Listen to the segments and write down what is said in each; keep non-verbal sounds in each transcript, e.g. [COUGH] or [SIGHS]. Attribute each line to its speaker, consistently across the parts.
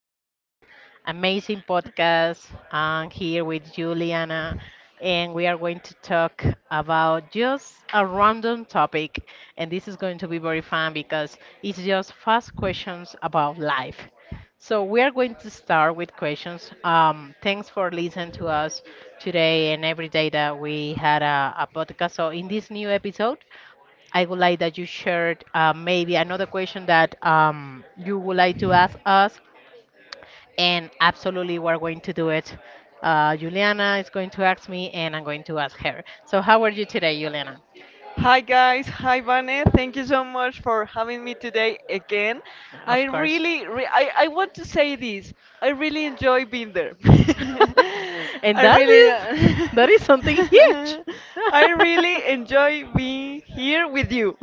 Speaker 1: to our amazing podcast. I'm here with Juliana, and we are going to talk about just a random topic. And this is going to be very fun because it's just fast questions about life. So we are going to start with questions. Thanks for listening to us today and every day that we had a podcast. So in this new episode, I would like that you shared maybe another question that you would like to ask us, and absolutely we're going to do it. Juliana is going to ask me, and I'm going to ask her. So, how are you today, Juliana?
Speaker 2: Hi guys, hi Vane. Thank you so much for having me today again. I
Speaker 1: Of course.
Speaker 2: really, re- I, I want to say this. I really enjoy being there. [LAUGHS]
Speaker 1: [LAUGHS] And
Speaker 2: I
Speaker 1: that
Speaker 2: really,
Speaker 1: is, that is something huge.
Speaker 2: [LAUGHS] I really enjoy
Speaker 1: [LAUGHS]
Speaker 2: being here with you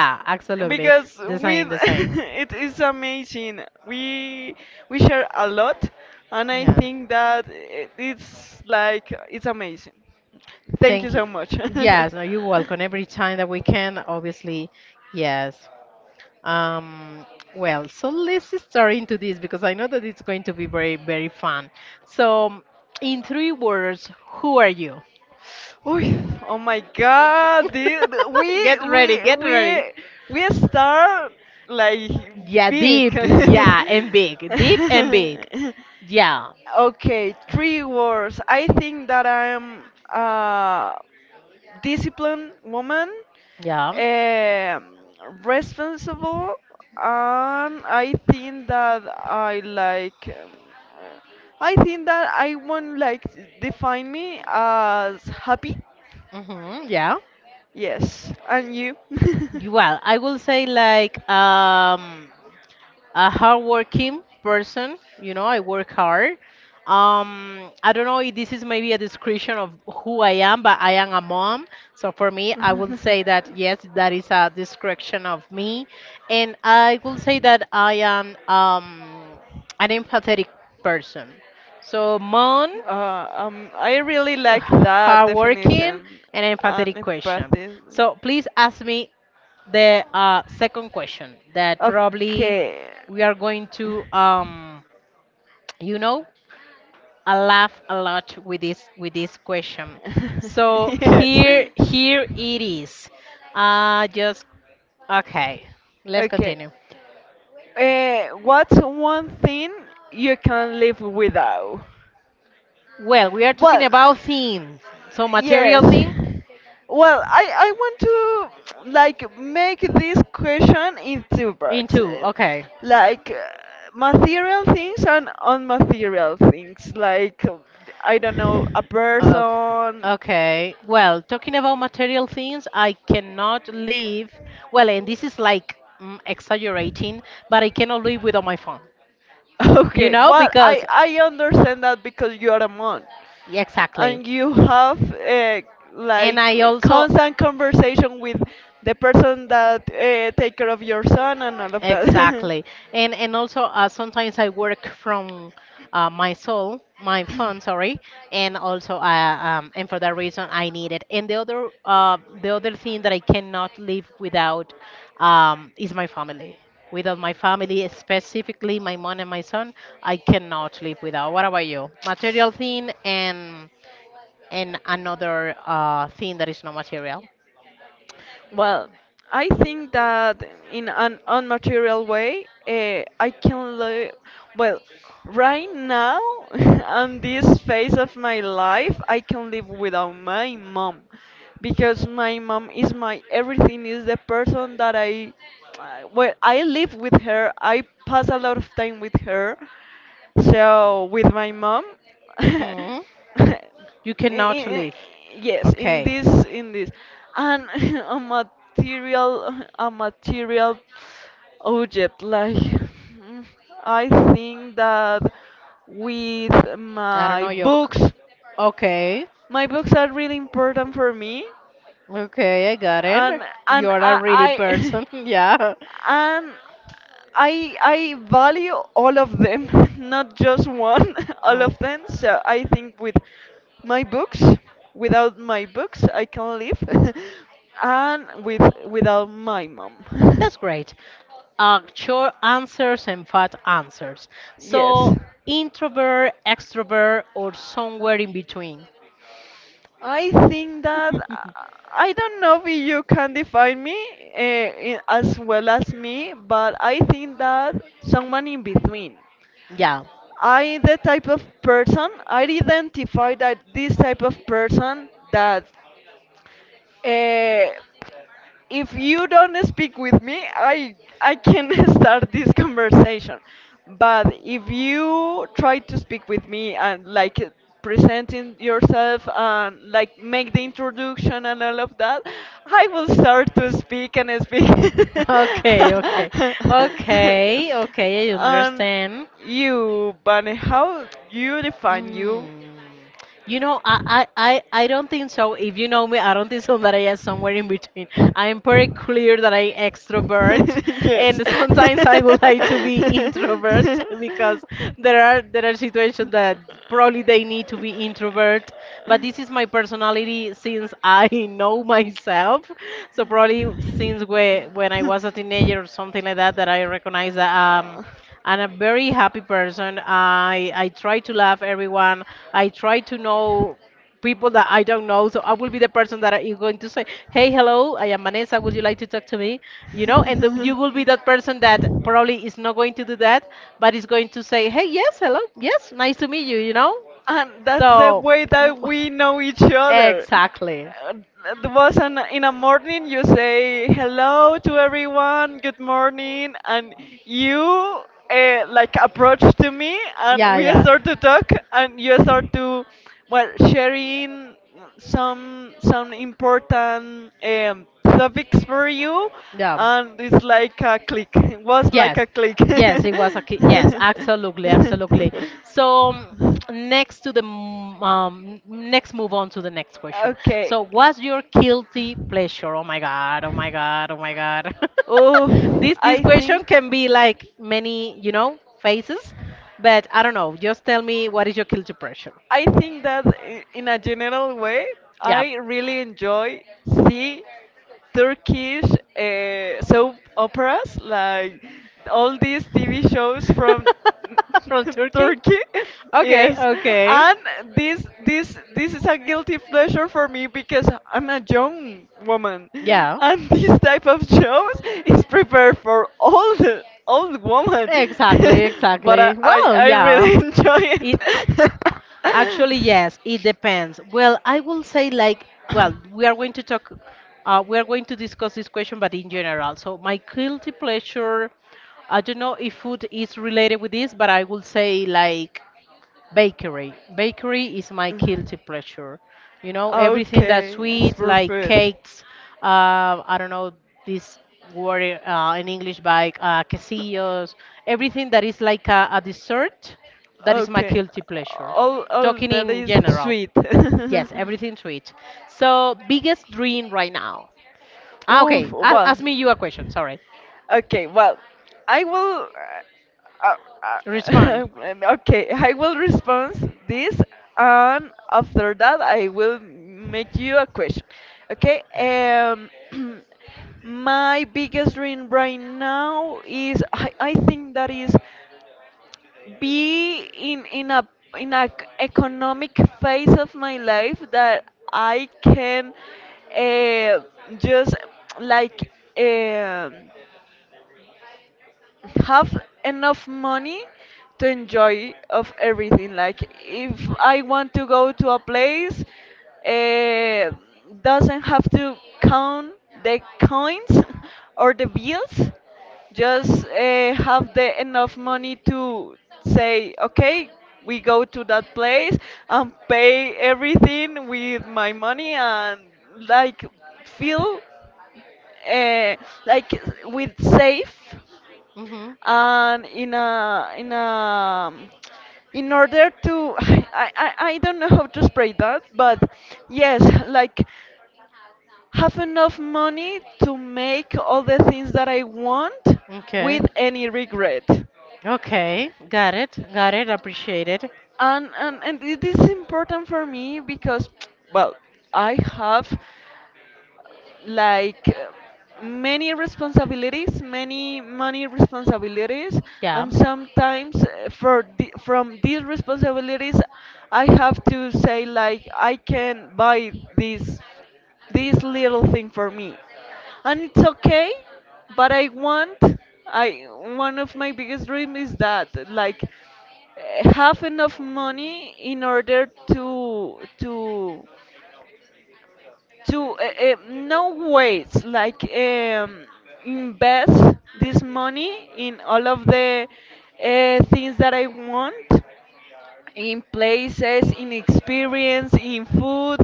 Speaker 2: [LAUGHS]
Speaker 1: absolutely.
Speaker 2: because
Speaker 1: The
Speaker 2: with
Speaker 1: same, the
Speaker 2: [LAUGHS]
Speaker 1: same.
Speaker 2: it is amazing. We we share a lot, and I
Speaker 1: Yeah.
Speaker 2: think that it's like it's amazing. Thank you
Speaker 1: Thank you.
Speaker 2: so much. [LAUGHS]
Speaker 1: Yes, no, you're welcome. Every time that we can, obviously, yes. Um, well, so let's start into this because I know that it's going to be very, very fun. So, in three words, who are you?
Speaker 2: Uy, oh my god, dude.
Speaker 1: [LAUGHS]
Speaker 2: We
Speaker 1: Get
Speaker 2: we
Speaker 1: ready, get
Speaker 2: we
Speaker 1: ready.
Speaker 2: we start like
Speaker 1: Yeah,
Speaker 2: big.
Speaker 1: deep, yeah, and big, deep and big. Yeah,
Speaker 2: [LAUGHS] Okay, three words. I think that I'm uh disciplined woman,
Speaker 1: yeah.
Speaker 2: um responsible, and I think that I like. Uh, I think that I won't like define me as happy.
Speaker 1: Mm-hmm, yeah.
Speaker 2: Yes, and you.
Speaker 1: Well, I will say like a hardworking person. You know, I work hard. I don't know if this is maybe a description of who I am, but I am a mom. So for me, I will say that yes, that is a description of me, and I will say
Speaker 2: [LAUGHS]
Speaker 1: that
Speaker 2: [LAUGHS]
Speaker 1: I am an empathetic person. So mom,
Speaker 2: I really like that
Speaker 1: hardworking,
Speaker 2: definition,
Speaker 1: and
Speaker 2: an
Speaker 1: empathetic question.
Speaker 2: empathy.
Speaker 1: So please ask me the second question that probably
Speaker 2: Okay.
Speaker 1: we are going to, you know, I laugh a lot with this question. So
Speaker 2: [LAUGHS] Yes.
Speaker 1: here it is. Just okay. Let's
Speaker 2: Okay.
Speaker 1: continue.
Speaker 2: What's one thing you can live without?
Speaker 1: Well, we are talking
Speaker 2: Well,
Speaker 1: about things. So
Speaker 2: yes.
Speaker 1: material thing
Speaker 2: Well, I want to like make this question in two parts,
Speaker 1: into okay.
Speaker 2: like uh, material things and unmaterial things. I don't know, a
Speaker 1: Okay.
Speaker 2: person. [LAUGHS]
Speaker 1: Okay. Well, talking about material things, I cannot live. Well, and this is like exaggerating, but I cannot live without my phone. You
Speaker 2: Okay,
Speaker 1: know,
Speaker 2: but
Speaker 1: because
Speaker 2: I understand that because you are a monk,
Speaker 1: yeah, exactly.
Speaker 2: and you have
Speaker 1: And I also
Speaker 2: constant conversation with the person that take care of your son and all of that. [LAUGHS]
Speaker 1: exactly. And also sometimes I work from my soul, my phone, sorry, and also and for that reason I need it. And the other thing that I cannot live without is my family. Without my family, specifically my mom and my son, I cannot live without. What about you? Material thing and another thing that is not material.
Speaker 2: Well, I think that in an unmaterial way, I can live. Well, right now, [LAUGHS] on this phase of my life, I can live without my mom, because my mom is my everything, is the person that I. Well, I live with her, I pass a lot of time with her, so with my mom, [LAUGHS] i-
Speaker 1: Hmm. You cannot
Speaker 2: i-
Speaker 1: live.
Speaker 2: yes, in
Speaker 1: Okay.
Speaker 2: this, and [LAUGHS] a material object. Like mm, I think that with
Speaker 1: I don't
Speaker 2: my
Speaker 1: know yolk.
Speaker 2: books,
Speaker 1: Okay.
Speaker 2: my books are really important for me,
Speaker 1: Okay, I got it.
Speaker 2: and
Speaker 1: You're a
Speaker 2: I.
Speaker 1: ready
Speaker 2: I
Speaker 1: person.
Speaker 2: [LAUGHS]
Speaker 1: [LAUGHS] Yeah.
Speaker 2: and I value all of them, [LAUGHS] not just one, [LAUGHS] all
Speaker 1: Mm.
Speaker 2: of them. So I think with my books, without my books, I can live, [LAUGHS] and without my mom. [LAUGHS]
Speaker 1: That's great. Short answers and fat answers.
Speaker 2: Yes.
Speaker 1: So, introvert, extrovert, or somewhere in between?
Speaker 2: I think that
Speaker 1: [LAUGHS]
Speaker 2: I don't know if you can define me as well as me, but I think that someone in between.
Speaker 1: Yeah.
Speaker 2: I identify that this type of person that uh, if you don't speak with me, I can [LAUGHS] start this conversation. But if you try to speak with me and presenting yourself and like make the introduction and all of that, I will start to speak and speak.
Speaker 1: Okay, okay, okay,
Speaker 2: [LAUGHS]
Speaker 1: okay. I
Speaker 2: And
Speaker 1: understand.
Speaker 2: you, Bunny, how you define you?
Speaker 1: Mm. You know, I don't think so. If you know me, I don't think so that I am somewhere in between. I am pretty clear that I extrovert,
Speaker 2: [LAUGHS] Yes.
Speaker 1: and sometimes I would like to be introvert [LAUGHS] because there are situations that probably they need to be introvert. But this is my personality since I [LAUGHS] know myself. So probably since we, when I was a teenager or something like that, that I recognize that.
Speaker 2: Uh,
Speaker 1: I'm a very happy person. I try to love everyone. I try to know people that I don't know. So I will be the person that you're going to say, "Hey, hello, I am Vanessa. Would you like to talk to me?" You know, and the, you will be that person that probably is not going to do that, but is going to say, "Hey, yes, hello, yes, nice to meet you." You know,
Speaker 2: and that's the
Speaker 1: so
Speaker 2: way that we know each
Speaker 1: [LAUGHS]
Speaker 2: other.
Speaker 1: exactly.
Speaker 2: uh, It was in a morning, you say hello to everyone, good morning, and you like approach to me, and we start to talk, and you start to well sharing some important topics for you, and it's like a click. It was like
Speaker 1: Yes,
Speaker 2: a click.
Speaker 1: yes, it was a ki- yes, absolutely, absolutely. So
Speaker 2: [LAUGHS]
Speaker 1: next to the m- next, move on to the next question.
Speaker 2: Okay.
Speaker 1: So, what's your guilty pleasure? Oh my God! Oh my God! Oh my God! [LAUGHS]
Speaker 2: Oof,
Speaker 1: This question can be like many, you know, faces, but I don't know. Just tell me, what is your guilty pleasure?
Speaker 2: I think that in a general way,
Speaker 1: Yeah.
Speaker 2: I really enjoy see Turkish soap operas, like all these TV shows from
Speaker 1: [LAUGHS] From
Speaker 2: [LAUGHS]
Speaker 1: Turkey?
Speaker 2: Turkey.
Speaker 1: Okay,
Speaker 2: Yes,
Speaker 1: okay.
Speaker 2: and this is a guilty pleasure for me because I'm a young woman,
Speaker 1: Yeah.
Speaker 2: and [LAUGHS] this type of shows is prepared for old woman.
Speaker 1: Exactly,
Speaker 2: [LAUGHS] But
Speaker 1: exactly.
Speaker 2: I
Speaker 1: Well,
Speaker 2: I
Speaker 1: yeah.
Speaker 2: really [LAUGHS] enjoy it.
Speaker 1: It. Actually, yes, it depends. Well, I will say like, well, we are going to talk, we are going to discuss this question, but
Speaker 2: [LAUGHS]
Speaker 1: in general. So my guilty pleasure, I don't know if food is related with this, but I will say like bakery. Bakery is my guilty pleasure. You know, everything that's
Speaker 2: Okay, it's
Speaker 1: sweet, like cakes. I don't know this word in English, by quesillos. Everything that is like a dessert, that is my
Speaker 2: okay,
Speaker 1: guilty pleasure.
Speaker 2: all
Speaker 1: Talking
Speaker 2: that
Speaker 1: in
Speaker 2: is
Speaker 1: general.
Speaker 2: sweet. [LAUGHS]
Speaker 1: Yes, everything sweet. So, biggest dream right now. Ah,
Speaker 2: Oof,
Speaker 1: okay, a-
Speaker 2: well.
Speaker 1: ask me you a question. Sorry.
Speaker 2: Okay, well, I will. Uh,
Speaker 1: Respond.
Speaker 2: [LAUGHS] okay, I will respond this, and after that, I will make you a question. Okay. [CLEARS THROAT] My biggest dream right now is I think that is be in a economic phase of my life that I can uh, just like um have enough money to enjoy of everything. Like if I want to go to a place, uh, doesn't have to count the coins [LAUGHS] or the bills, just have the enough money to say, okay, we go to that place and pay everything with my money and like feel uh, like with safe
Speaker 1: Mm-hmm.
Speaker 2: and in a in a in order to. [SIGHS] [LAUGHS] I don't know how to explain that, but yes, like have enough money to make all the things that I want with
Speaker 1: Okay.
Speaker 2: any regret.
Speaker 1: Okay, got it, appreciate it.
Speaker 2: And it is important for me because [TSK] well, I have like many responsibilities, many money responsibilities,
Speaker 1: Yeah.
Speaker 2: and sometimes for the, from these responsibilities, I have to say like I can buy this little thing for me, and it's okay. But I, one of my biggest dreams is that like have enough money in order to no ways like invest this money in all of the things that I want, in places, in experience, in food,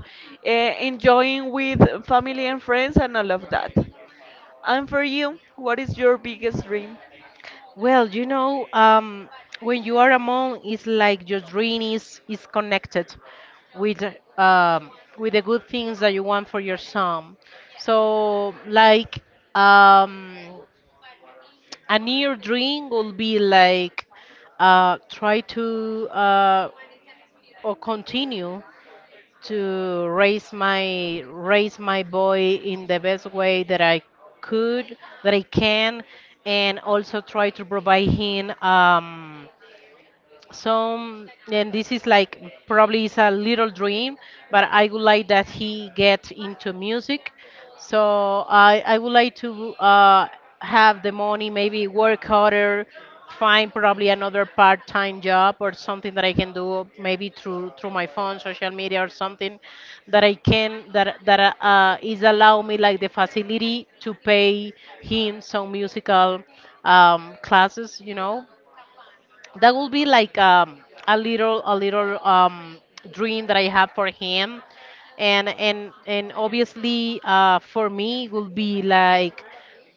Speaker 2: uh, enjoying with family and friends, and all of that. And for you, what is your biggest dream?
Speaker 1: Well, you know, when you are a monk, it's like your dream is connected with um, with the good things that you want for your son. So, like um, a near dream will be like try to or continue to raise my boy in the best way that I could, that I can, and also try to provide him. So, and this is like probably it's a little dream, but I would like that he get into music. So I would like to have the money, maybe work harder, find probably another part-time job or something that I can do, maybe through my phone, social media or something that I can that that is allow me like the facility to pay him some musical classes, you know, that will be like a little dream that I have for him, and obviously for me will be like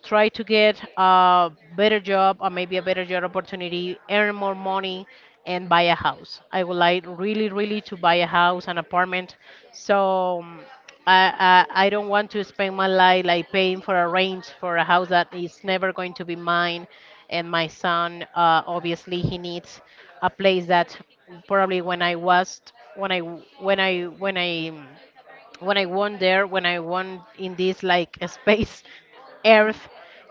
Speaker 1: try to get a better job or maybe a better job opportunity, earn more money, and buy a house. I would like really really to buy a house, an apartment. So I don't want to spend my life like paying for a rent for a house that is never going to be mine and my son, obviously, he needs a place that probably when I was when I when I when I when I won there, when I won in this like [LAUGHS] a space earth,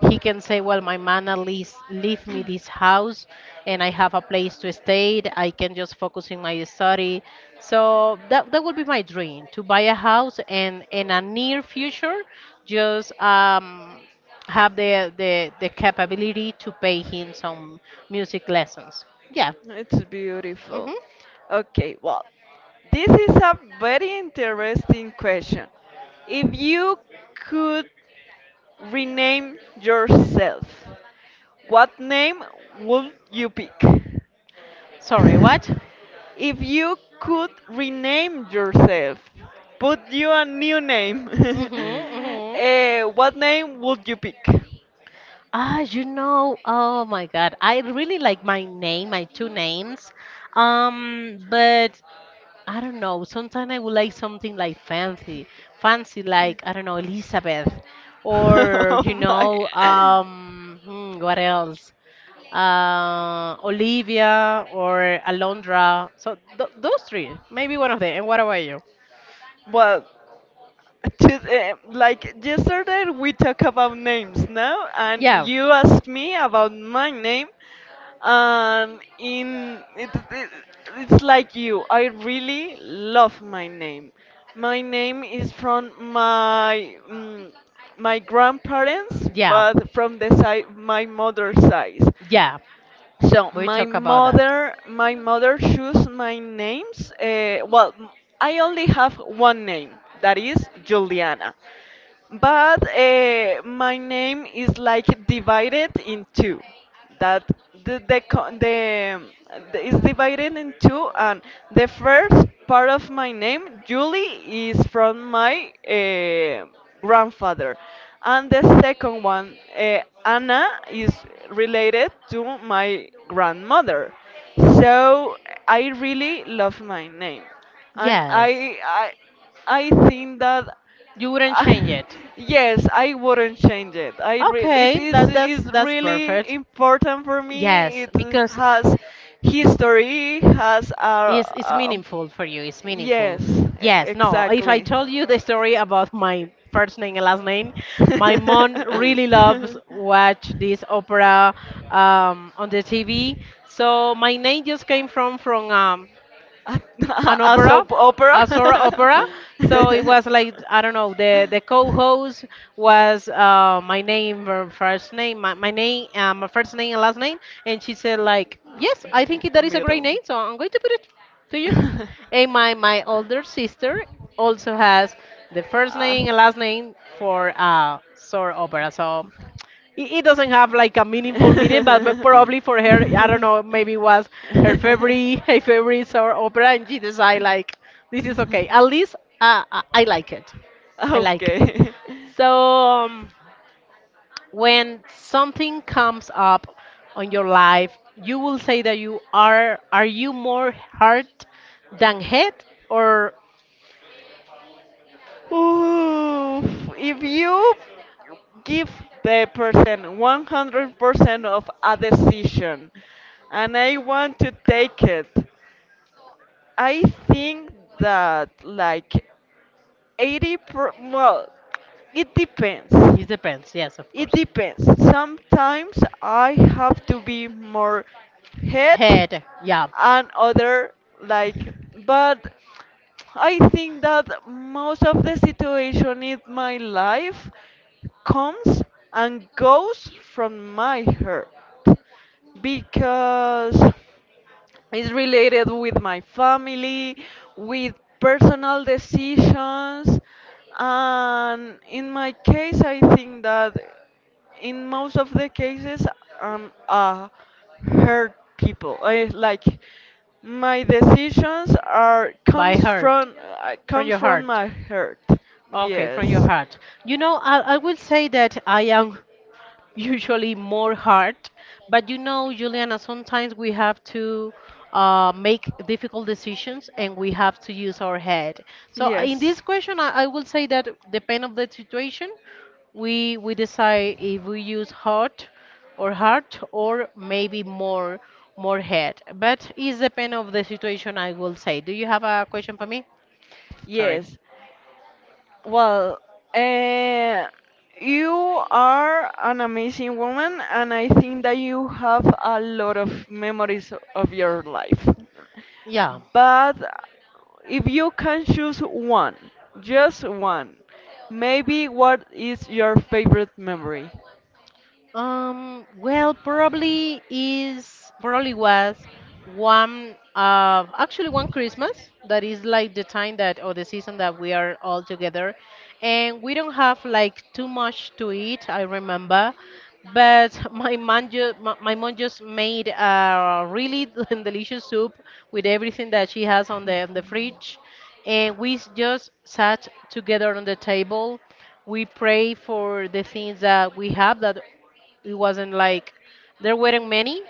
Speaker 1: he can say, well, my mana lease leave me this house and I have a place to stay. I can just focus in my study. So that that would be my dream to buy a house and in a near future just have the capability to pay him some music lessons. Yeah.
Speaker 2: It's beautiful.
Speaker 1: Hmm.
Speaker 2: Okay, well, this is a very interesting question. If you could rename yourself, what name would you pick?
Speaker 1: Sorry, what?
Speaker 2: [LAUGHS] If you could rename yourself, put you a new name,
Speaker 1: Hmm.
Speaker 2: [LAUGHS]
Speaker 1: Hmm.
Speaker 2: eh, what name would you pick?
Speaker 1: Ah, you know, oh my God. I really like my name, my two names. But I don't know. Sometimes I would like something like fancy, fancy like, I don't know, Elizabeth
Speaker 2: [LAUGHS]
Speaker 1: or
Speaker 2: Oh
Speaker 1: you
Speaker 2: my.
Speaker 1: know, what else? Olivia or Alondra. So th those three, maybe one of them. And what about you?
Speaker 2: Well. Just, eh, like yesterday, we talk about names, no? And yeah,
Speaker 1: Yeah.
Speaker 2: you asked me about my name, and it's like you, I really love my name. My name is from my my grandparents,
Speaker 1: Yeah,
Speaker 2: but from the side my mother's side.
Speaker 1: yeah.
Speaker 2: So
Speaker 1: We talk about that.
Speaker 2: my mother chose my names. Well, I only have one name, that is Juliana. But my name is like divided in two. That the, co- the is divided in two, and the first part of my name, Julie, is from my grandfather, and the second one, Anna, is related to my grandmother. So I really love my name, and
Speaker 1: Yes.
Speaker 2: I think that.
Speaker 1: You wouldn't
Speaker 2: Uh,
Speaker 1: change it.
Speaker 2: [LAUGHS] yes, I wouldn't change it. I really, it
Speaker 1: Okay, that that is
Speaker 2: is
Speaker 1: that's
Speaker 2: really
Speaker 1: perfect.
Speaker 2: important for me.
Speaker 1: Yes,
Speaker 2: It
Speaker 1: because
Speaker 2: has history, has a,
Speaker 1: it's
Speaker 2: uh
Speaker 1: meaningful for you. It's meaningful.
Speaker 2: yes,
Speaker 1: Yes. No. If I
Speaker 2: exactly.
Speaker 1: told you the story about my first name and last name, my
Speaker 2: [LAUGHS]
Speaker 1: mom really loves watch this opera on the TV. So my name just came from from
Speaker 2: a,
Speaker 1: an
Speaker 2: [LAUGHS] a
Speaker 1: opera,
Speaker 2: soap
Speaker 1: a Sora
Speaker 2: opera.
Speaker 1: opera. So it was like I don't know. The
Speaker 2: [LAUGHS]
Speaker 1: co-host was my name, her first name, my name, my first name and last name, and she said like, yes, I think that is a great
Speaker 2: Middle.
Speaker 1: name, so I'm going to put it to you. And
Speaker 2: [LAUGHS]
Speaker 1: my older sister also has the first
Speaker 2: Ah.
Speaker 1: name and last name for Sora opera. So it doesn't have like a meaningful meaning, but m- probably for her, I don't know, maybe it was her favorite, [LAUGHS] her favorite sort of opera, and she decided like this is okay. At least I like it.
Speaker 2: [LAUGHS]
Speaker 1: I like it.
Speaker 2: Okay. [LAUGHS]
Speaker 1: So when something comes up on your life, you will say that you are you more heart than head, or
Speaker 2: Oof, if you give the person 100% of a decision and I want to take it, I think that like 80 per well, it depends.
Speaker 1: it depends. Yes, of
Speaker 2: It
Speaker 1: course.
Speaker 2: depends. Sometimes I have to be more head,
Speaker 1: Head, yeah,
Speaker 2: and other like, but I think that most of the situation in my life comes and goes from my heart, because it's related with my family, with personal decisions, and in my case, I think that in most of the cases, I'm a hurt people. I like my decisions are
Speaker 1: by heart, from
Speaker 2: comes
Speaker 1: your
Speaker 2: from
Speaker 1: heart.
Speaker 2: my hurt.
Speaker 1: Okay,
Speaker 2: Yes.
Speaker 1: from your heart. You know, I will say that I am [LAUGHS] usually more heart, but you know, Juliana, sometimes we have to make difficult decisions and we have to use our head. So uh, in
Speaker 2: Yes.
Speaker 1: this question, I, I will say that depend of the situation, we decide if we use heart or heart or maybe more head. But it's depend of the situation, I will say. Do you have a question for me? Sorry.
Speaker 2: Yes. Well, uh, you are an amazing woman, and I think that you have a lot of memories of your life.
Speaker 1: Yeah.
Speaker 2: But if you can choose one, just one, maybe what is your favorite memory?
Speaker 1: Well, probably was one of actually one Christmas that is like the time that or the season that we are all together, and we don't have like too much to eat. I remember, but [LAUGHS] my mom just my mom just made a really [LAUGHS] delicious soup with everything that she has on the fridge, and just sat together on the table. We pray for the things that we have. That it wasn't like there weren't many,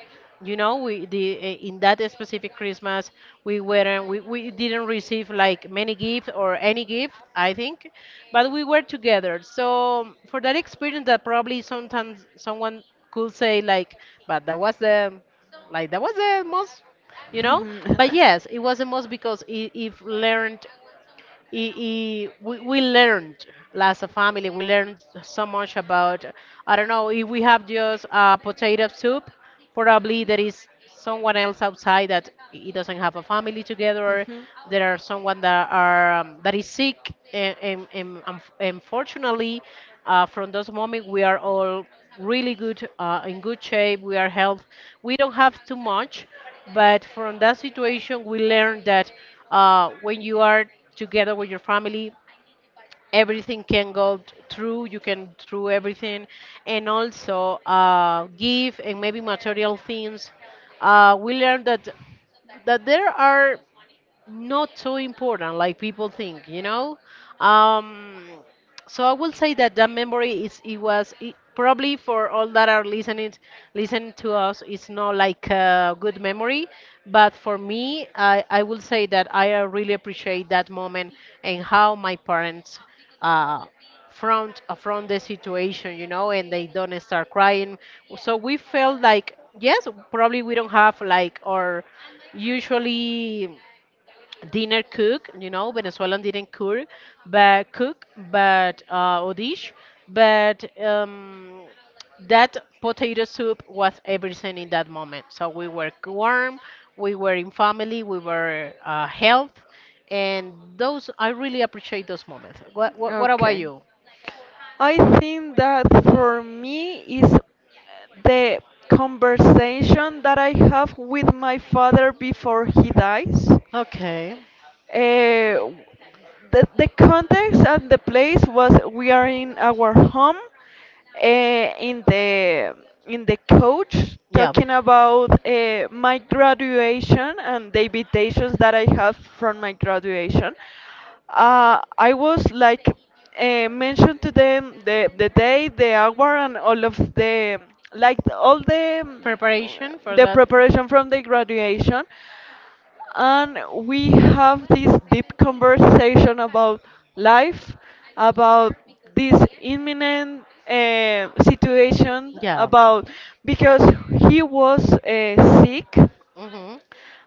Speaker 1: we the in that specific christmas we weren't we didn't receive like many gifts or any gift I think. But we were together, so for that experience that probably sometimes someone could say like, but that was the, like that was the most, you know but yes it was the most because it learned. We learned as a family, we learned so much about.
Speaker 2: [LAUGHS]
Speaker 1: I don't know if we have just potato soup. Probably there is someone else outside that he doesn't have a family together.
Speaker 2: Mhm.
Speaker 1: There are someone that are that is sick, and unfortunately from those moments we are all really good, in good shape, we are health. We don't have too much, but from that situation, we learned that when you are together with your family, everything can go through. You can through everything, and also give and maybe material things. We learned that that there are not so important like people think. You know. Um, so I will say that that memory is, it was it, probably for all that are listening listen to us, it's not like a good memory, but for me, I will say that I really appreciate that moment and how my parents uh front affront the situation, you know, and they don't start crying. So we felt like, yes, probably we don't have like our usually dinner cook, you know, Venezuelan didn't cook, but or dish, but that potato soup was everything in that moment. So we were warm, we were in family, we were health, and those, I really appreciate those moments. What about
Speaker 2: Okay.
Speaker 1: you?
Speaker 2: I think that for me is the conversation that I have with my father before he dies.
Speaker 1: Okay.
Speaker 2: Uh, the context and the place was we are in our home in the coach
Speaker 1: Yeah,
Speaker 2: talking about my graduation and the invitations that I have from my graduation. I was like mentioned to them the day, the hour, and all of the like all
Speaker 1: preparation for
Speaker 2: the
Speaker 1: that.
Speaker 2: preparation from the graduation, and we have this deep conversation about life, about this imminent situation,
Speaker 1: Yeah.
Speaker 2: about because he was sick,
Speaker 1: Mhm.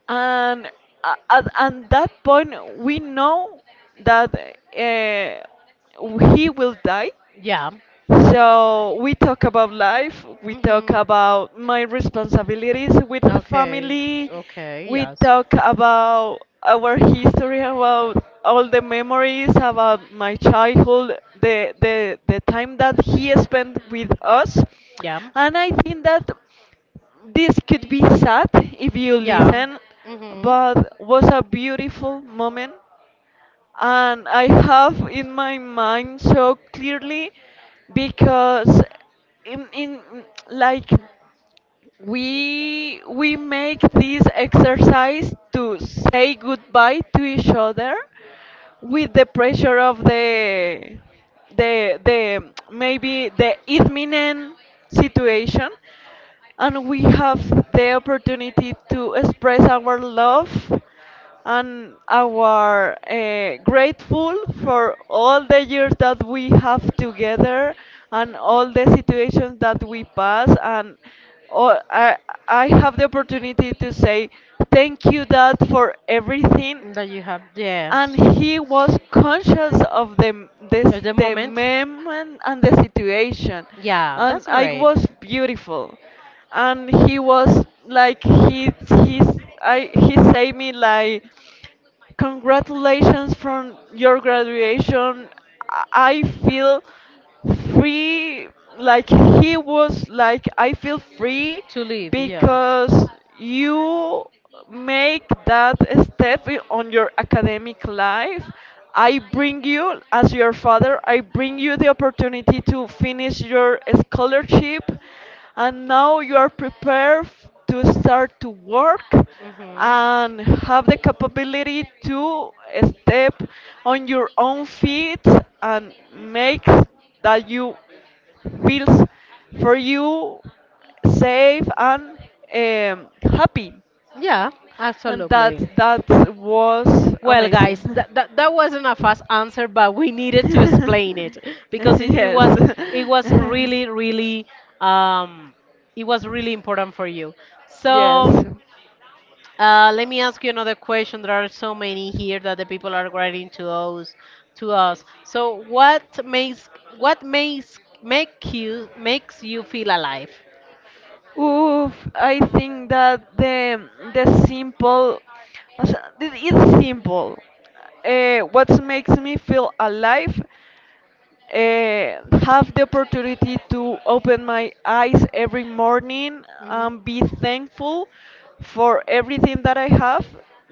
Speaker 2: and at that point we know that he will die,
Speaker 1: Yeah.
Speaker 2: so we talk about life, we talk
Speaker 1: Mhm.
Speaker 2: about my responsibilities with the
Speaker 1: Okay.
Speaker 2: family,
Speaker 1: Okay.
Speaker 2: we
Speaker 1: Yes.
Speaker 2: talk about our history, about all the memories, about my childhood, the time that he spent with us. And I think that this could be sad if you
Speaker 1: Yeah.
Speaker 2: listen,
Speaker 1: Yeah. Mhm.
Speaker 2: but was a beautiful moment, and I have in my mind so clearly because in like we make this exercise to say goodbye to each other with the pressure of the the maybe the imminent situation, and we have the opportunity to express our love and our grateful for all the years that we have together and all the situations that we pass, and all, I, I have the opportunity to say thank you, dad, for everything.
Speaker 1: That you have. And
Speaker 2: And he was conscious of the moment and the situation,
Speaker 1: he yeah, and
Speaker 2: and
Speaker 1: that's
Speaker 2: I was beautiful. And he was like he he's I he said me like, congratulations from your graduation. I feel free. Like he was like, I feel free
Speaker 1: to
Speaker 2: because you make that step on your academic life. I bring you as your father, I bring you the opportunity to finish your scholarship, and now you are prepared to start to work
Speaker 1: mhm.
Speaker 2: and have the capability to step on your own feet and make that you feels for you safe and happy.
Speaker 1: Yeah,
Speaker 2: And that
Speaker 1: absolutely.
Speaker 2: that was
Speaker 1: Well,
Speaker 2: amazing.
Speaker 1: guys, that wasn't a fast answer, but we needed to
Speaker 2: [LAUGHS] [LAUGHS]
Speaker 1: explain it because it
Speaker 2: Yes.
Speaker 1: was, it was
Speaker 2: [LAUGHS]
Speaker 1: really really um, it was really important for you.
Speaker 2: Yes.
Speaker 1: So. Let me ask you another question. There are so many here that the people are writing to us, to us. So what makes, make you makes you feel alive?
Speaker 2: Oof, I think that the simple as- it- it's simple. What makes me feel alive, have the opportunity to open my eyes every morning
Speaker 1: Hmm.
Speaker 2: and be thankful for everything that I have.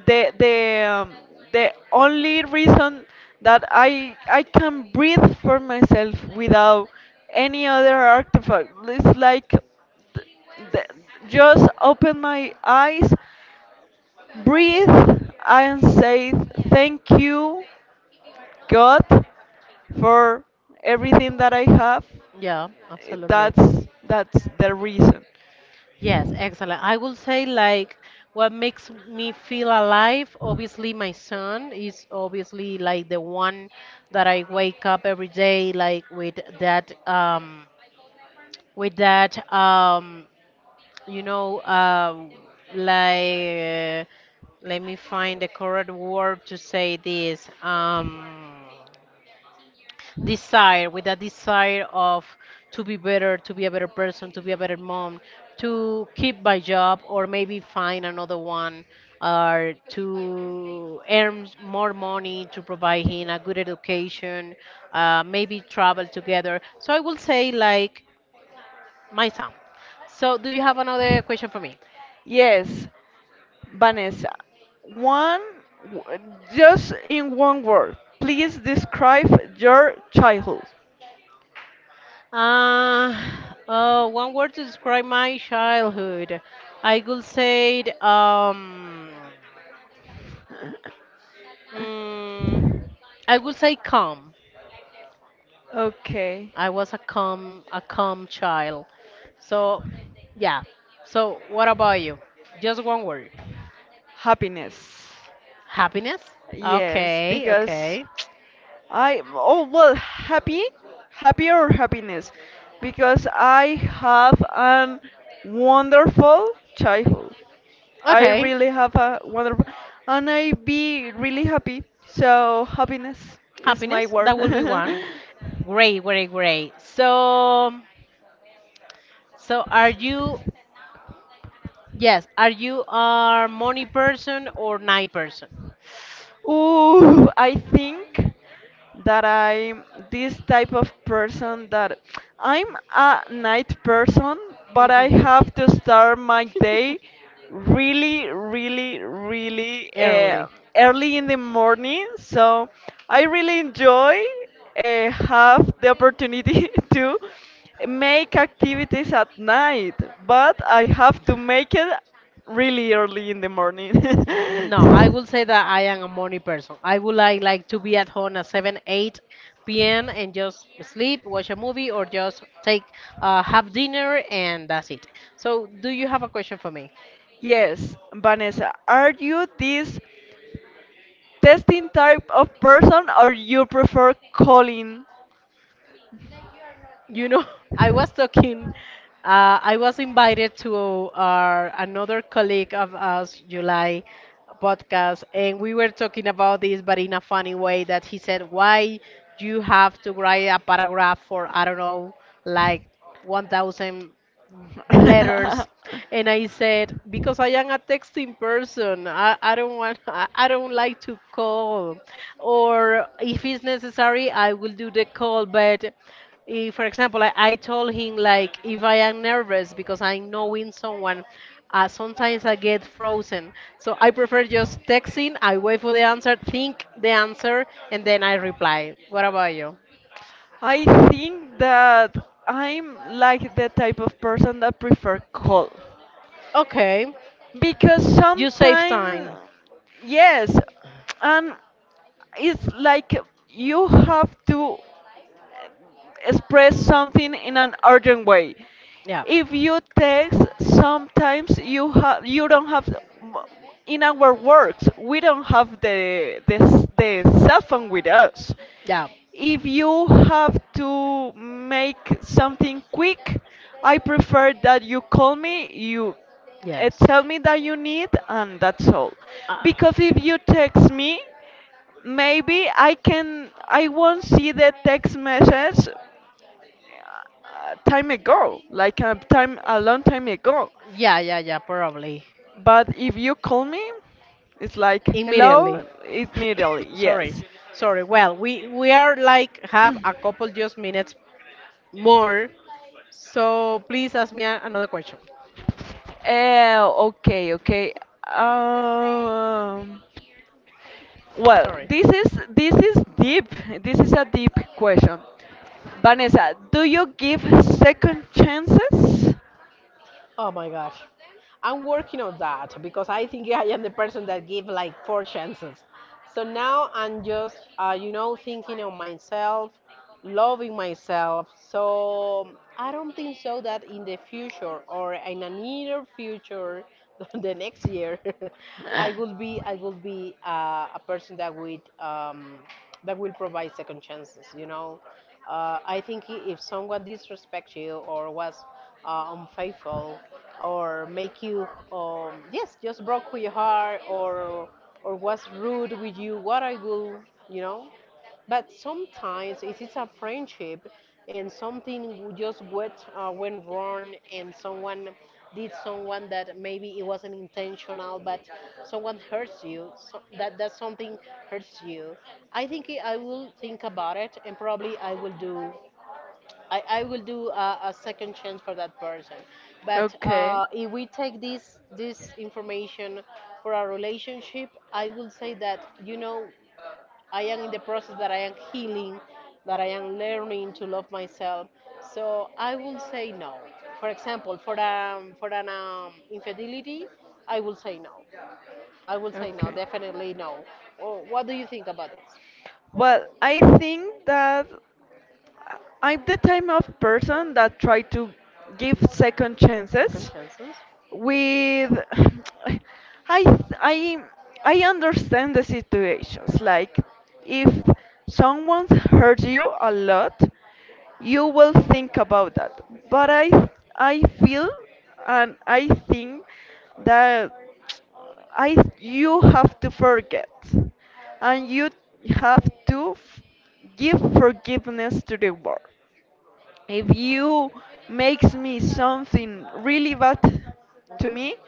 Speaker 2: The the um, the only reason that I can breathe for myself without any other artifact. It's like th- just open my eyes, breathe, and say thank you, God, for everything that I have.
Speaker 1: Yeah, absolutely.
Speaker 2: That's the reason.
Speaker 1: Yes, excellent. I will say like what makes me feel alive. Obviously, my son is obviously like the one that I wake up every day like with that with that um you know um like, let me find the correct word to say this, desire, with that desire of to be better, to be a better person, to be a better mom, to keep my job or maybe find another one, or to earn more money to provide him a good education, maybe travel together. So I will say like my son. So do you have another question for me?
Speaker 2: Yes, Vanessa. One, w- just in one word. Please describe your childhood.
Speaker 1: uh, One word to describe my childhood. I could say,
Speaker 2: [LAUGHS]
Speaker 1: mm, I would say calm.
Speaker 2: Okay,
Speaker 1: I was a calm child. So, yeah. So, what about you? Just one word.
Speaker 2: happiness.
Speaker 1: Happiness.
Speaker 2: Yes,
Speaker 1: Okay,
Speaker 2: because
Speaker 1: okay.
Speaker 2: I, oh well, happy or happiness, because I have an wonderful childhood. I
Speaker 1: Okay,
Speaker 2: really have a wonderful, and I be really happy. So happiness is my
Speaker 1: happiness.
Speaker 2: word.
Speaker 1: That will be one.
Speaker 2: [LAUGHS]
Speaker 1: Great, great, great. So, so are you, yes, are you a money person or night person?
Speaker 2: Ooh, I think that I'm this type of person that I'm a night person, but I have to start my day really, really, really, early
Speaker 1: [LAUGHS]
Speaker 2: in the morning. So I really enjoy, have the opportunity [LAUGHS] to make activities at night, but I have to make it really early in the morning.
Speaker 1: No, I will say that I am a morning person. I would like to be at home at 7,
Speaker 2: [LAUGHS]
Speaker 1: 8 p.m. and just sleep, watch a movie, or just take have dinner and that's it. So, do you have a question for me?
Speaker 2: Yes, Vanessa, are you this testing type of person or you prefer calling?
Speaker 1: You know, [LAUGHS] I was talking. I was invited to our another colleague of us, July podcast, and we were talking about this, but in a funny way. That he said, "Why you have to write a paragraph for I don't know, like 1,000 letters?" And I said because I am a texting person, I don't want, [LAUGHS] I don't like to call, or if it's necessary I will do the call. But if, for example, I told him like if I am nervous because I'm knowing someone, sometimes I get frozen, so I prefer just texting. I wait for the answer, think the answer, and then I reply. What about you?
Speaker 2: I think that I'm like the type of person that prefer cold,
Speaker 1: Okay.
Speaker 2: because
Speaker 1: You save
Speaker 2: sometimes
Speaker 1: time.
Speaker 2: yes, and it's like you have to express something in an urgent way.
Speaker 1: Yeah.
Speaker 2: If you text, sometimes you don't have, in our works we don't have the cell phone with us.
Speaker 1: Yeah.
Speaker 2: If you have to make something quick, I prefer that you call me, you,
Speaker 1: Yes.
Speaker 2: tell me that you need, and that's all.
Speaker 1: Uh,
Speaker 2: Because if you text me, maybe I won't see the text message, time ago, like a long time ago.
Speaker 1: yeah, yeah, yeah, probably.
Speaker 2: But if you call me, it's like hello
Speaker 1: Immediately.
Speaker 2: immediately.
Speaker 1: [COUGHS] Sorry,
Speaker 2: Yes.
Speaker 1: sorry. Well, we are like have a couple just minutes more, so please ask me another question.
Speaker 2: Okay, okay. Um, well,
Speaker 1: Sorry.
Speaker 2: this is deep. This is a deep question. Vanessa, do you give second chances?
Speaker 1: Oh my gosh, I'm working on that because I think I am the person that give like four chances. So now I'm just you know, thinking on myself, loving myself. So I don't think so that in the future or in a near future, [LAUGHS] the next year, [LAUGHS] I will be a person that would that will provide second chances. You know, I think if someone disrespects you or was unfaithful, or make you yes, just broke your heart, or was rude with you. What I will, you know. But sometimes it is a friendship and something just went, went wrong, and someone did, someone that maybe it wasn't intentional, but someone hurts you. So that, that something hurts you. I think I will think about it and probably I will do. I will do a second chance for that person. But
Speaker 2: Okay.
Speaker 1: if we take this information for our relationship, I will say that, you know, I am in the process that I am healing, that I am learning to love myself. So I will say no. For example, for an infidelity, I will say no. I will say no,
Speaker 2: Okay.
Speaker 1: definitely no. Or what do you think about this?
Speaker 2: Well, I think that I'm the type of person that try to give second
Speaker 1: Second
Speaker 2: chances
Speaker 1: chances.
Speaker 2: with [SIGHS] I I I understand the situations, like if someone hurt you a lot you will think about that, but I feel and I think that I you have to forget, and you have to give forgiveness to the world. If you makes me something really bad to me,
Speaker 1: Hmm.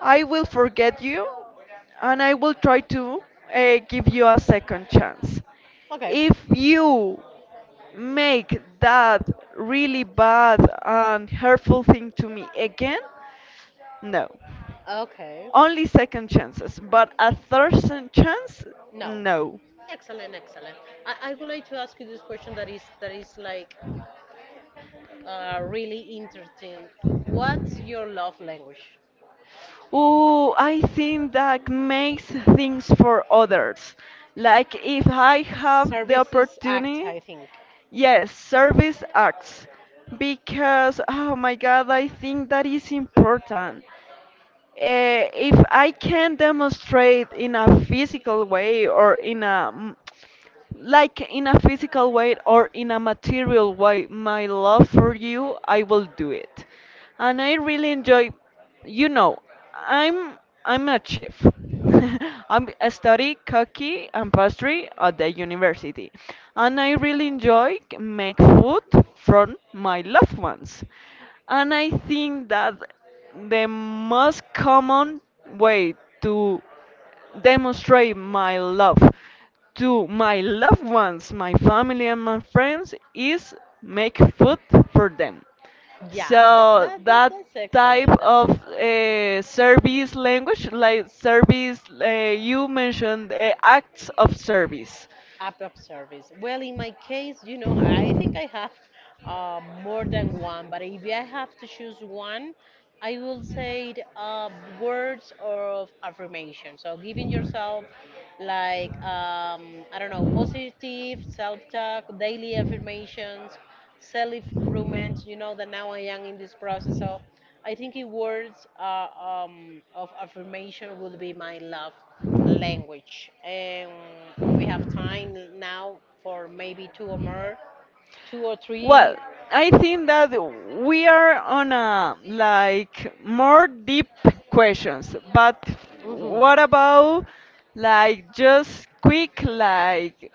Speaker 2: I will forget you, and I will try to, give you a second chance.
Speaker 1: Okay.
Speaker 2: If you make that really bad and hurtful thing to me again, no.
Speaker 1: Okay.
Speaker 2: Only second chances, but a third chance,
Speaker 1: No.
Speaker 2: no.
Speaker 1: Excellent, excellent. I would like to ask you this question that is, that is like, really interesting. What's your love language?
Speaker 2: Oh, I think that makes things for others. Like if I have the
Speaker 1: Services act,
Speaker 2: opportunity,
Speaker 1: I think.
Speaker 2: yes, service acts. Because, oh my God, I think that is important. If I can demonstrate in a physical way or in a mm, like in a physical way or in a material way my love for you, I will do it. And I really enjoy, you know, I'm I'm a chef. [LAUGHS] I'm, I study cooking and pastry at the university, and I really enjoy make food from my loved ones. And I think that the most common way to demonstrate my love to my loved ones, my family, and my friends is make food for them.
Speaker 1: Yeah,
Speaker 2: So that
Speaker 1: that's
Speaker 2: type
Speaker 1: excellent. That's
Speaker 2: of,
Speaker 1: excellent.
Speaker 2: service language, like service, you mentioned, acts of service.
Speaker 1: App of service. Well, in my case, you know, [LAUGHS] I think I have more than one, but if I have to choose one, I will say it, words of affirmation. So giving yourself like I don't know, positive self-talk, daily affirmations, self-improvement. You know that now I am in this process, so I think it words of affirmation will be my love language. And we have time now for maybe two or more, two or three.
Speaker 2: Well, I think that we are on a like more deep questions, but
Speaker 1: Mhm.
Speaker 2: what about like just quick, like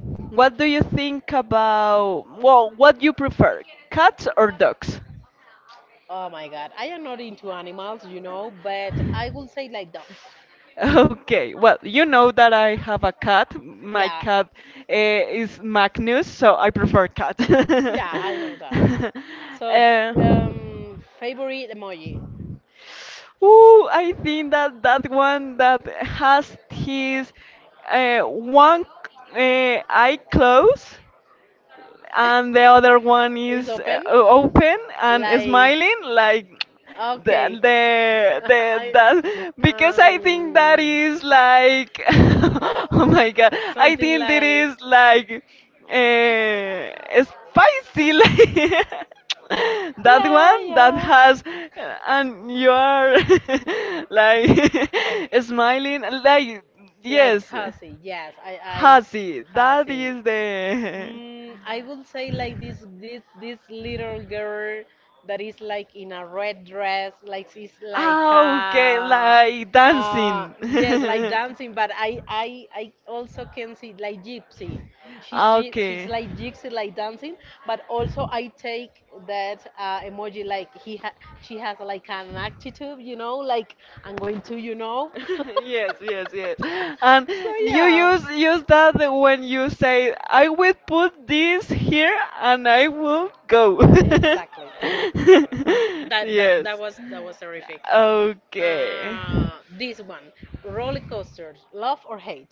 Speaker 2: what do you think about, well, what you prefer, cats or dogs?
Speaker 1: Oh my God. I am not into animals, you know, but I will say like dogs.
Speaker 2: Okay, well, you know that I have a cat. My
Speaker 1: Yeah.
Speaker 2: cat, is Magnus, so I prefer cat. [LAUGHS]
Speaker 1: Yeah, I know that. So, favorite emoji.
Speaker 2: Ooh, I think that that one that has his, one, eye closed and the
Speaker 1: [LAUGHS]
Speaker 2: other one
Speaker 1: Is
Speaker 2: is,
Speaker 1: open.
Speaker 2: open and
Speaker 1: Like,
Speaker 2: smiling, like
Speaker 1: okay. [LAUGHS]
Speaker 2: the
Speaker 1: I
Speaker 2: that, because I
Speaker 1: um.
Speaker 2: think that is like [LAUGHS] oh my god, I
Speaker 1: Something
Speaker 2: think that
Speaker 1: like,
Speaker 2: is like, spicy [LAUGHS] like that
Speaker 1: yeah,
Speaker 2: one that
Speaker 1: yeah,
Speaker 2: has, and you are [LAUGHS] like [LAUGHS] smiling like,
Speaker 1: like
Speaker 2: yes.
Speaker 1: hussy. Yes, I
Speaker 2: Hazy, that
Speaker 1: hussy.
Speaker 2: is the. [LAUGHS]
Speaker 1: Mm, I would say like this little girl that is like in a red dress, like she's like
Speaker 2: Ah, okay, like dancing.
Speaker 1: yes, like dancing. But I also can see like gypsy.
Speaker 2: [LAUGHS] Ah,
Speaker 1: She's
Speaker 2: okay.
Speaker 1: like gypsy, like dancing. But also I take that emoji like he ha she has like an attitude, you know, like, I'm going to, you know. [LAUGHS]
Speaker 2: [LAUGHS] Yes, yes, yes. And
Speaker 1: So
Speaker 2: you
Speaker 1: yeah.
Speaker 2: use that when you say, "I will put this here and I will go."
Speaker 1: Exactly.
Speaker 2: [LAUGHS]
Speaker 1: That that
Speaker 2: Yes.
Speaker 1: that was, that was terrific.
Speaker 2: Okay.
Speaker 1: This one, roller coasters, love or hate?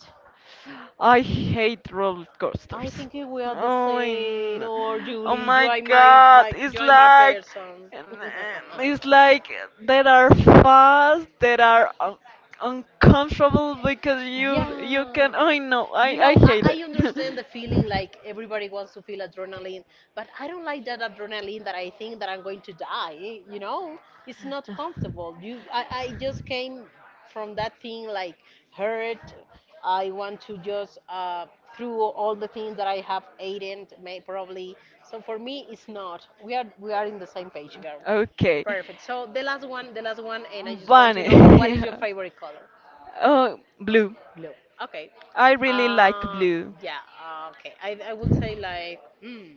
Speaker 2: I hate roller
Speaker 1: I think
Speaker 2: coasters.
Speaker 1: we are the
Speaker 2: Oh, I
Speaker 1: same. Or
Speaker 2: oh
Speaker 1: Julie, you
Speaker 2: my
Speaker 1: are my,
Speaker 2: god,
Speaker 1: my, you
Speaker 2: it's
Speaker 1: are my
Speaker 2: like.
Speaker 1: person.
Speaker 2: And
Speaker 1: [LAUGHS]
Speaker 2: it's like that are fast, that are un uncomfortable because you
Speaker 1: Yeah.
Speaker 2: can. I know, I
Speaker 1: You
Speaker 2: I
Speaker 1: know,
Speaker 2: hate
Speaker 1: I
Speaker 2: it.
Speaker 1: understand the feeling like everybody wants to feel adrenaline, but I don't like that adrenaline that I think that I'm going to die, you know? It's not comfortable. You I just came from that thing like hurt. I want to
Speaker 2: [LAUGHS]
Speaker 1: just through all the things that I have eaten may probably. So for me it's not. We are in the same page,
Speaker 2: Picture.
Speaker 1: girl.
Speaker 2: Okay.
Speaker 1: Perfect. So the last one, and I just want to
Speaker 2: Bunny. [LAUGHS]
Speaker 1: know,
Speaker 2: What is
Speaker 1: what
Speaker 2: your.
Speaker 1: is
Speaker 2: Yeah.
Speaker 1: your
Speaker 2: Color? [LAUGHS]
Speaker 1: favorite color?
Speaker 2: Oh, blue.
Speaker 1: Blue. Okay.
Speaker 2: I really like
Speaker 1: Uh,
Speaker 2: blue.
Speaker 1: yeah, okay. I will say like, mm,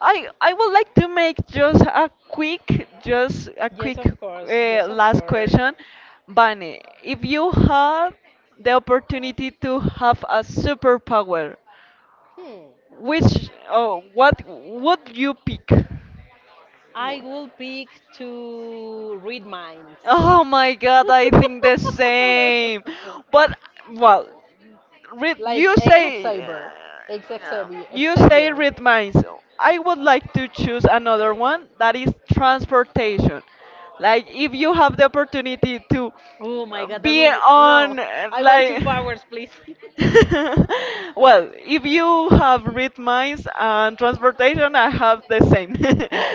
Speaker 2: I would like to make just a quick, just a
Speaker 1: yes, of
Speaker 2: quick,
Speaker 1: course, yes, of
Speaker 2: last
Speaker 1: course.
Speaker 2: question, Bunny. If you had the opportunity to have a superpower,
Speaker 1: Hmm.
Speaker 2: which, oh, what would you pick?
Speaker 1: I will pick to read minds.
Speaker 2: Oh my god, I think the same.
Speaker 1: [LAUGHS]
Speaker 2: But, well, read,
Speaker 1: Like X Xavier, Ex Xavier,
Speaker 2: you say
Speaker 1: Xavier.
Speaker 2: read minds. I would like to choose another one that is transportation. Like, if you have the opportunity to,
Speaker 1: Oh my God, that will
Speaker 2: be
Speaker 1: be, no.
Speaker 2: on,
Speaker 1: I want two
Speaker 2: like,
Speaker 1: powers, please.
Speaker 2: [LAUGHS] well, if you have read minds and transportation, I have the same.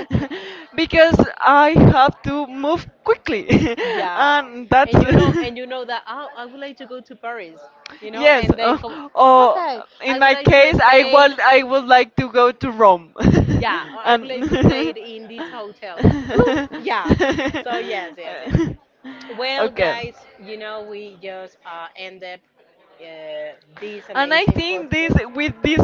Speaker 2: [LAUGHS] Because I have to move quickly. [LAUGHS]
Speaker 1: Yeah,
Speaker 2: And that's.
Speaker 1: and you know that, oh, I would like to go to Paris, you
Speaker 2: [LAUGHS]
Speaker 1: know,
Speaker 2: Yes,
Speaker 1: and then come.
Speaker 2: or
Speaker 1: Okay, I
Speaker 2: in
Speaker 1: would
Speaker 2: my
Speaker 1: like to
Speaker 2: case, I,
Speaker 1: stay.
Speaker 2: will, I would like to go to Rome.
Speaker 1: Yeah, or
Speaker 2: [LAUGHS]
Speaker 1: I would like to stay
Speaker 2: And.
Speaker 1: in this hotel. Bloom. Yeah. So yes, yes, yes. Well,
Speaker 2: [LAUGHS] Okay.
Speaker 1: guys, you know we just end up this
Speaker 2: And I
Speaker 1: amazing
Speaker 2: think this
Speaker 1: podcast.
Speaker 2: with these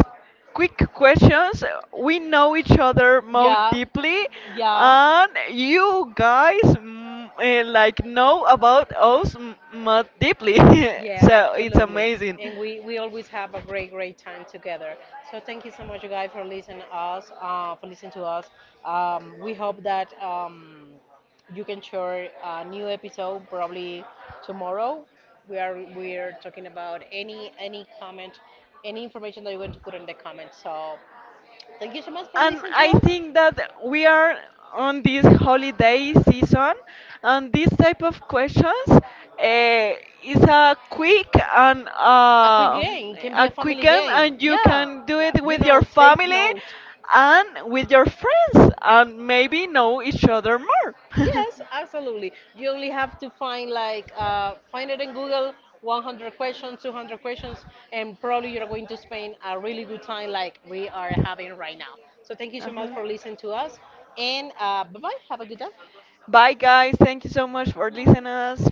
Speaker 2: quick questions, we know each other more
Speaker 1: Yeah,
Speaker 2: deeply,
Speaker 1: yeah.
Speaker 2: and you guys mm, eh, like know about us more deeply. [LAUGHS]
Speaker 1: Yeah,
Speaker 2: So it's
Speaker 1: absolutely.
Speaker 2: amazing.
Speaker 1: And we always have a great, great time together. So thank you so much, you guys, for listening to us, for listening to us. We hope that you can share a new episode probably tomorrow. We are talking about any comment, any information that you're going to put in the comments. So thank you so much for
Speaker 2: And
Speaker 1: listening to
Speaker 2: I
Speaker 1: us.
Speaker 2: think that we are on this holiday season, and this type of questions, is a quick and,
Speaker 1: Game can be a
Speaker 2: a
Speaker 1: family
Speaker 2: quick game,
Speaker 1: game. Exactly.
Speaker 2: and you
Speaker 1: Yeah,
Speaker 2: can do
Speaker 1: yeah.
Speaker 2: it
Speaker 1: You like
Speaker 2: with
Speaker 1: know,
Speaker 2: your
Speaker 1: take
Speaker 2: family
Speaker 1: note.
Speaker 2: and with your friends, and maybe know each other more. [LAUGHS]
Speaker 1: Yes, absolutely. You only have to find like find it in Google. 100 questions, 200 questions, and probably you're going to spend a really good time like we are having right now. So, thank you so much for listening to us, and bye bye. Have a good day.
Speaker 2: Bye, guys. Thank you so much for listening us.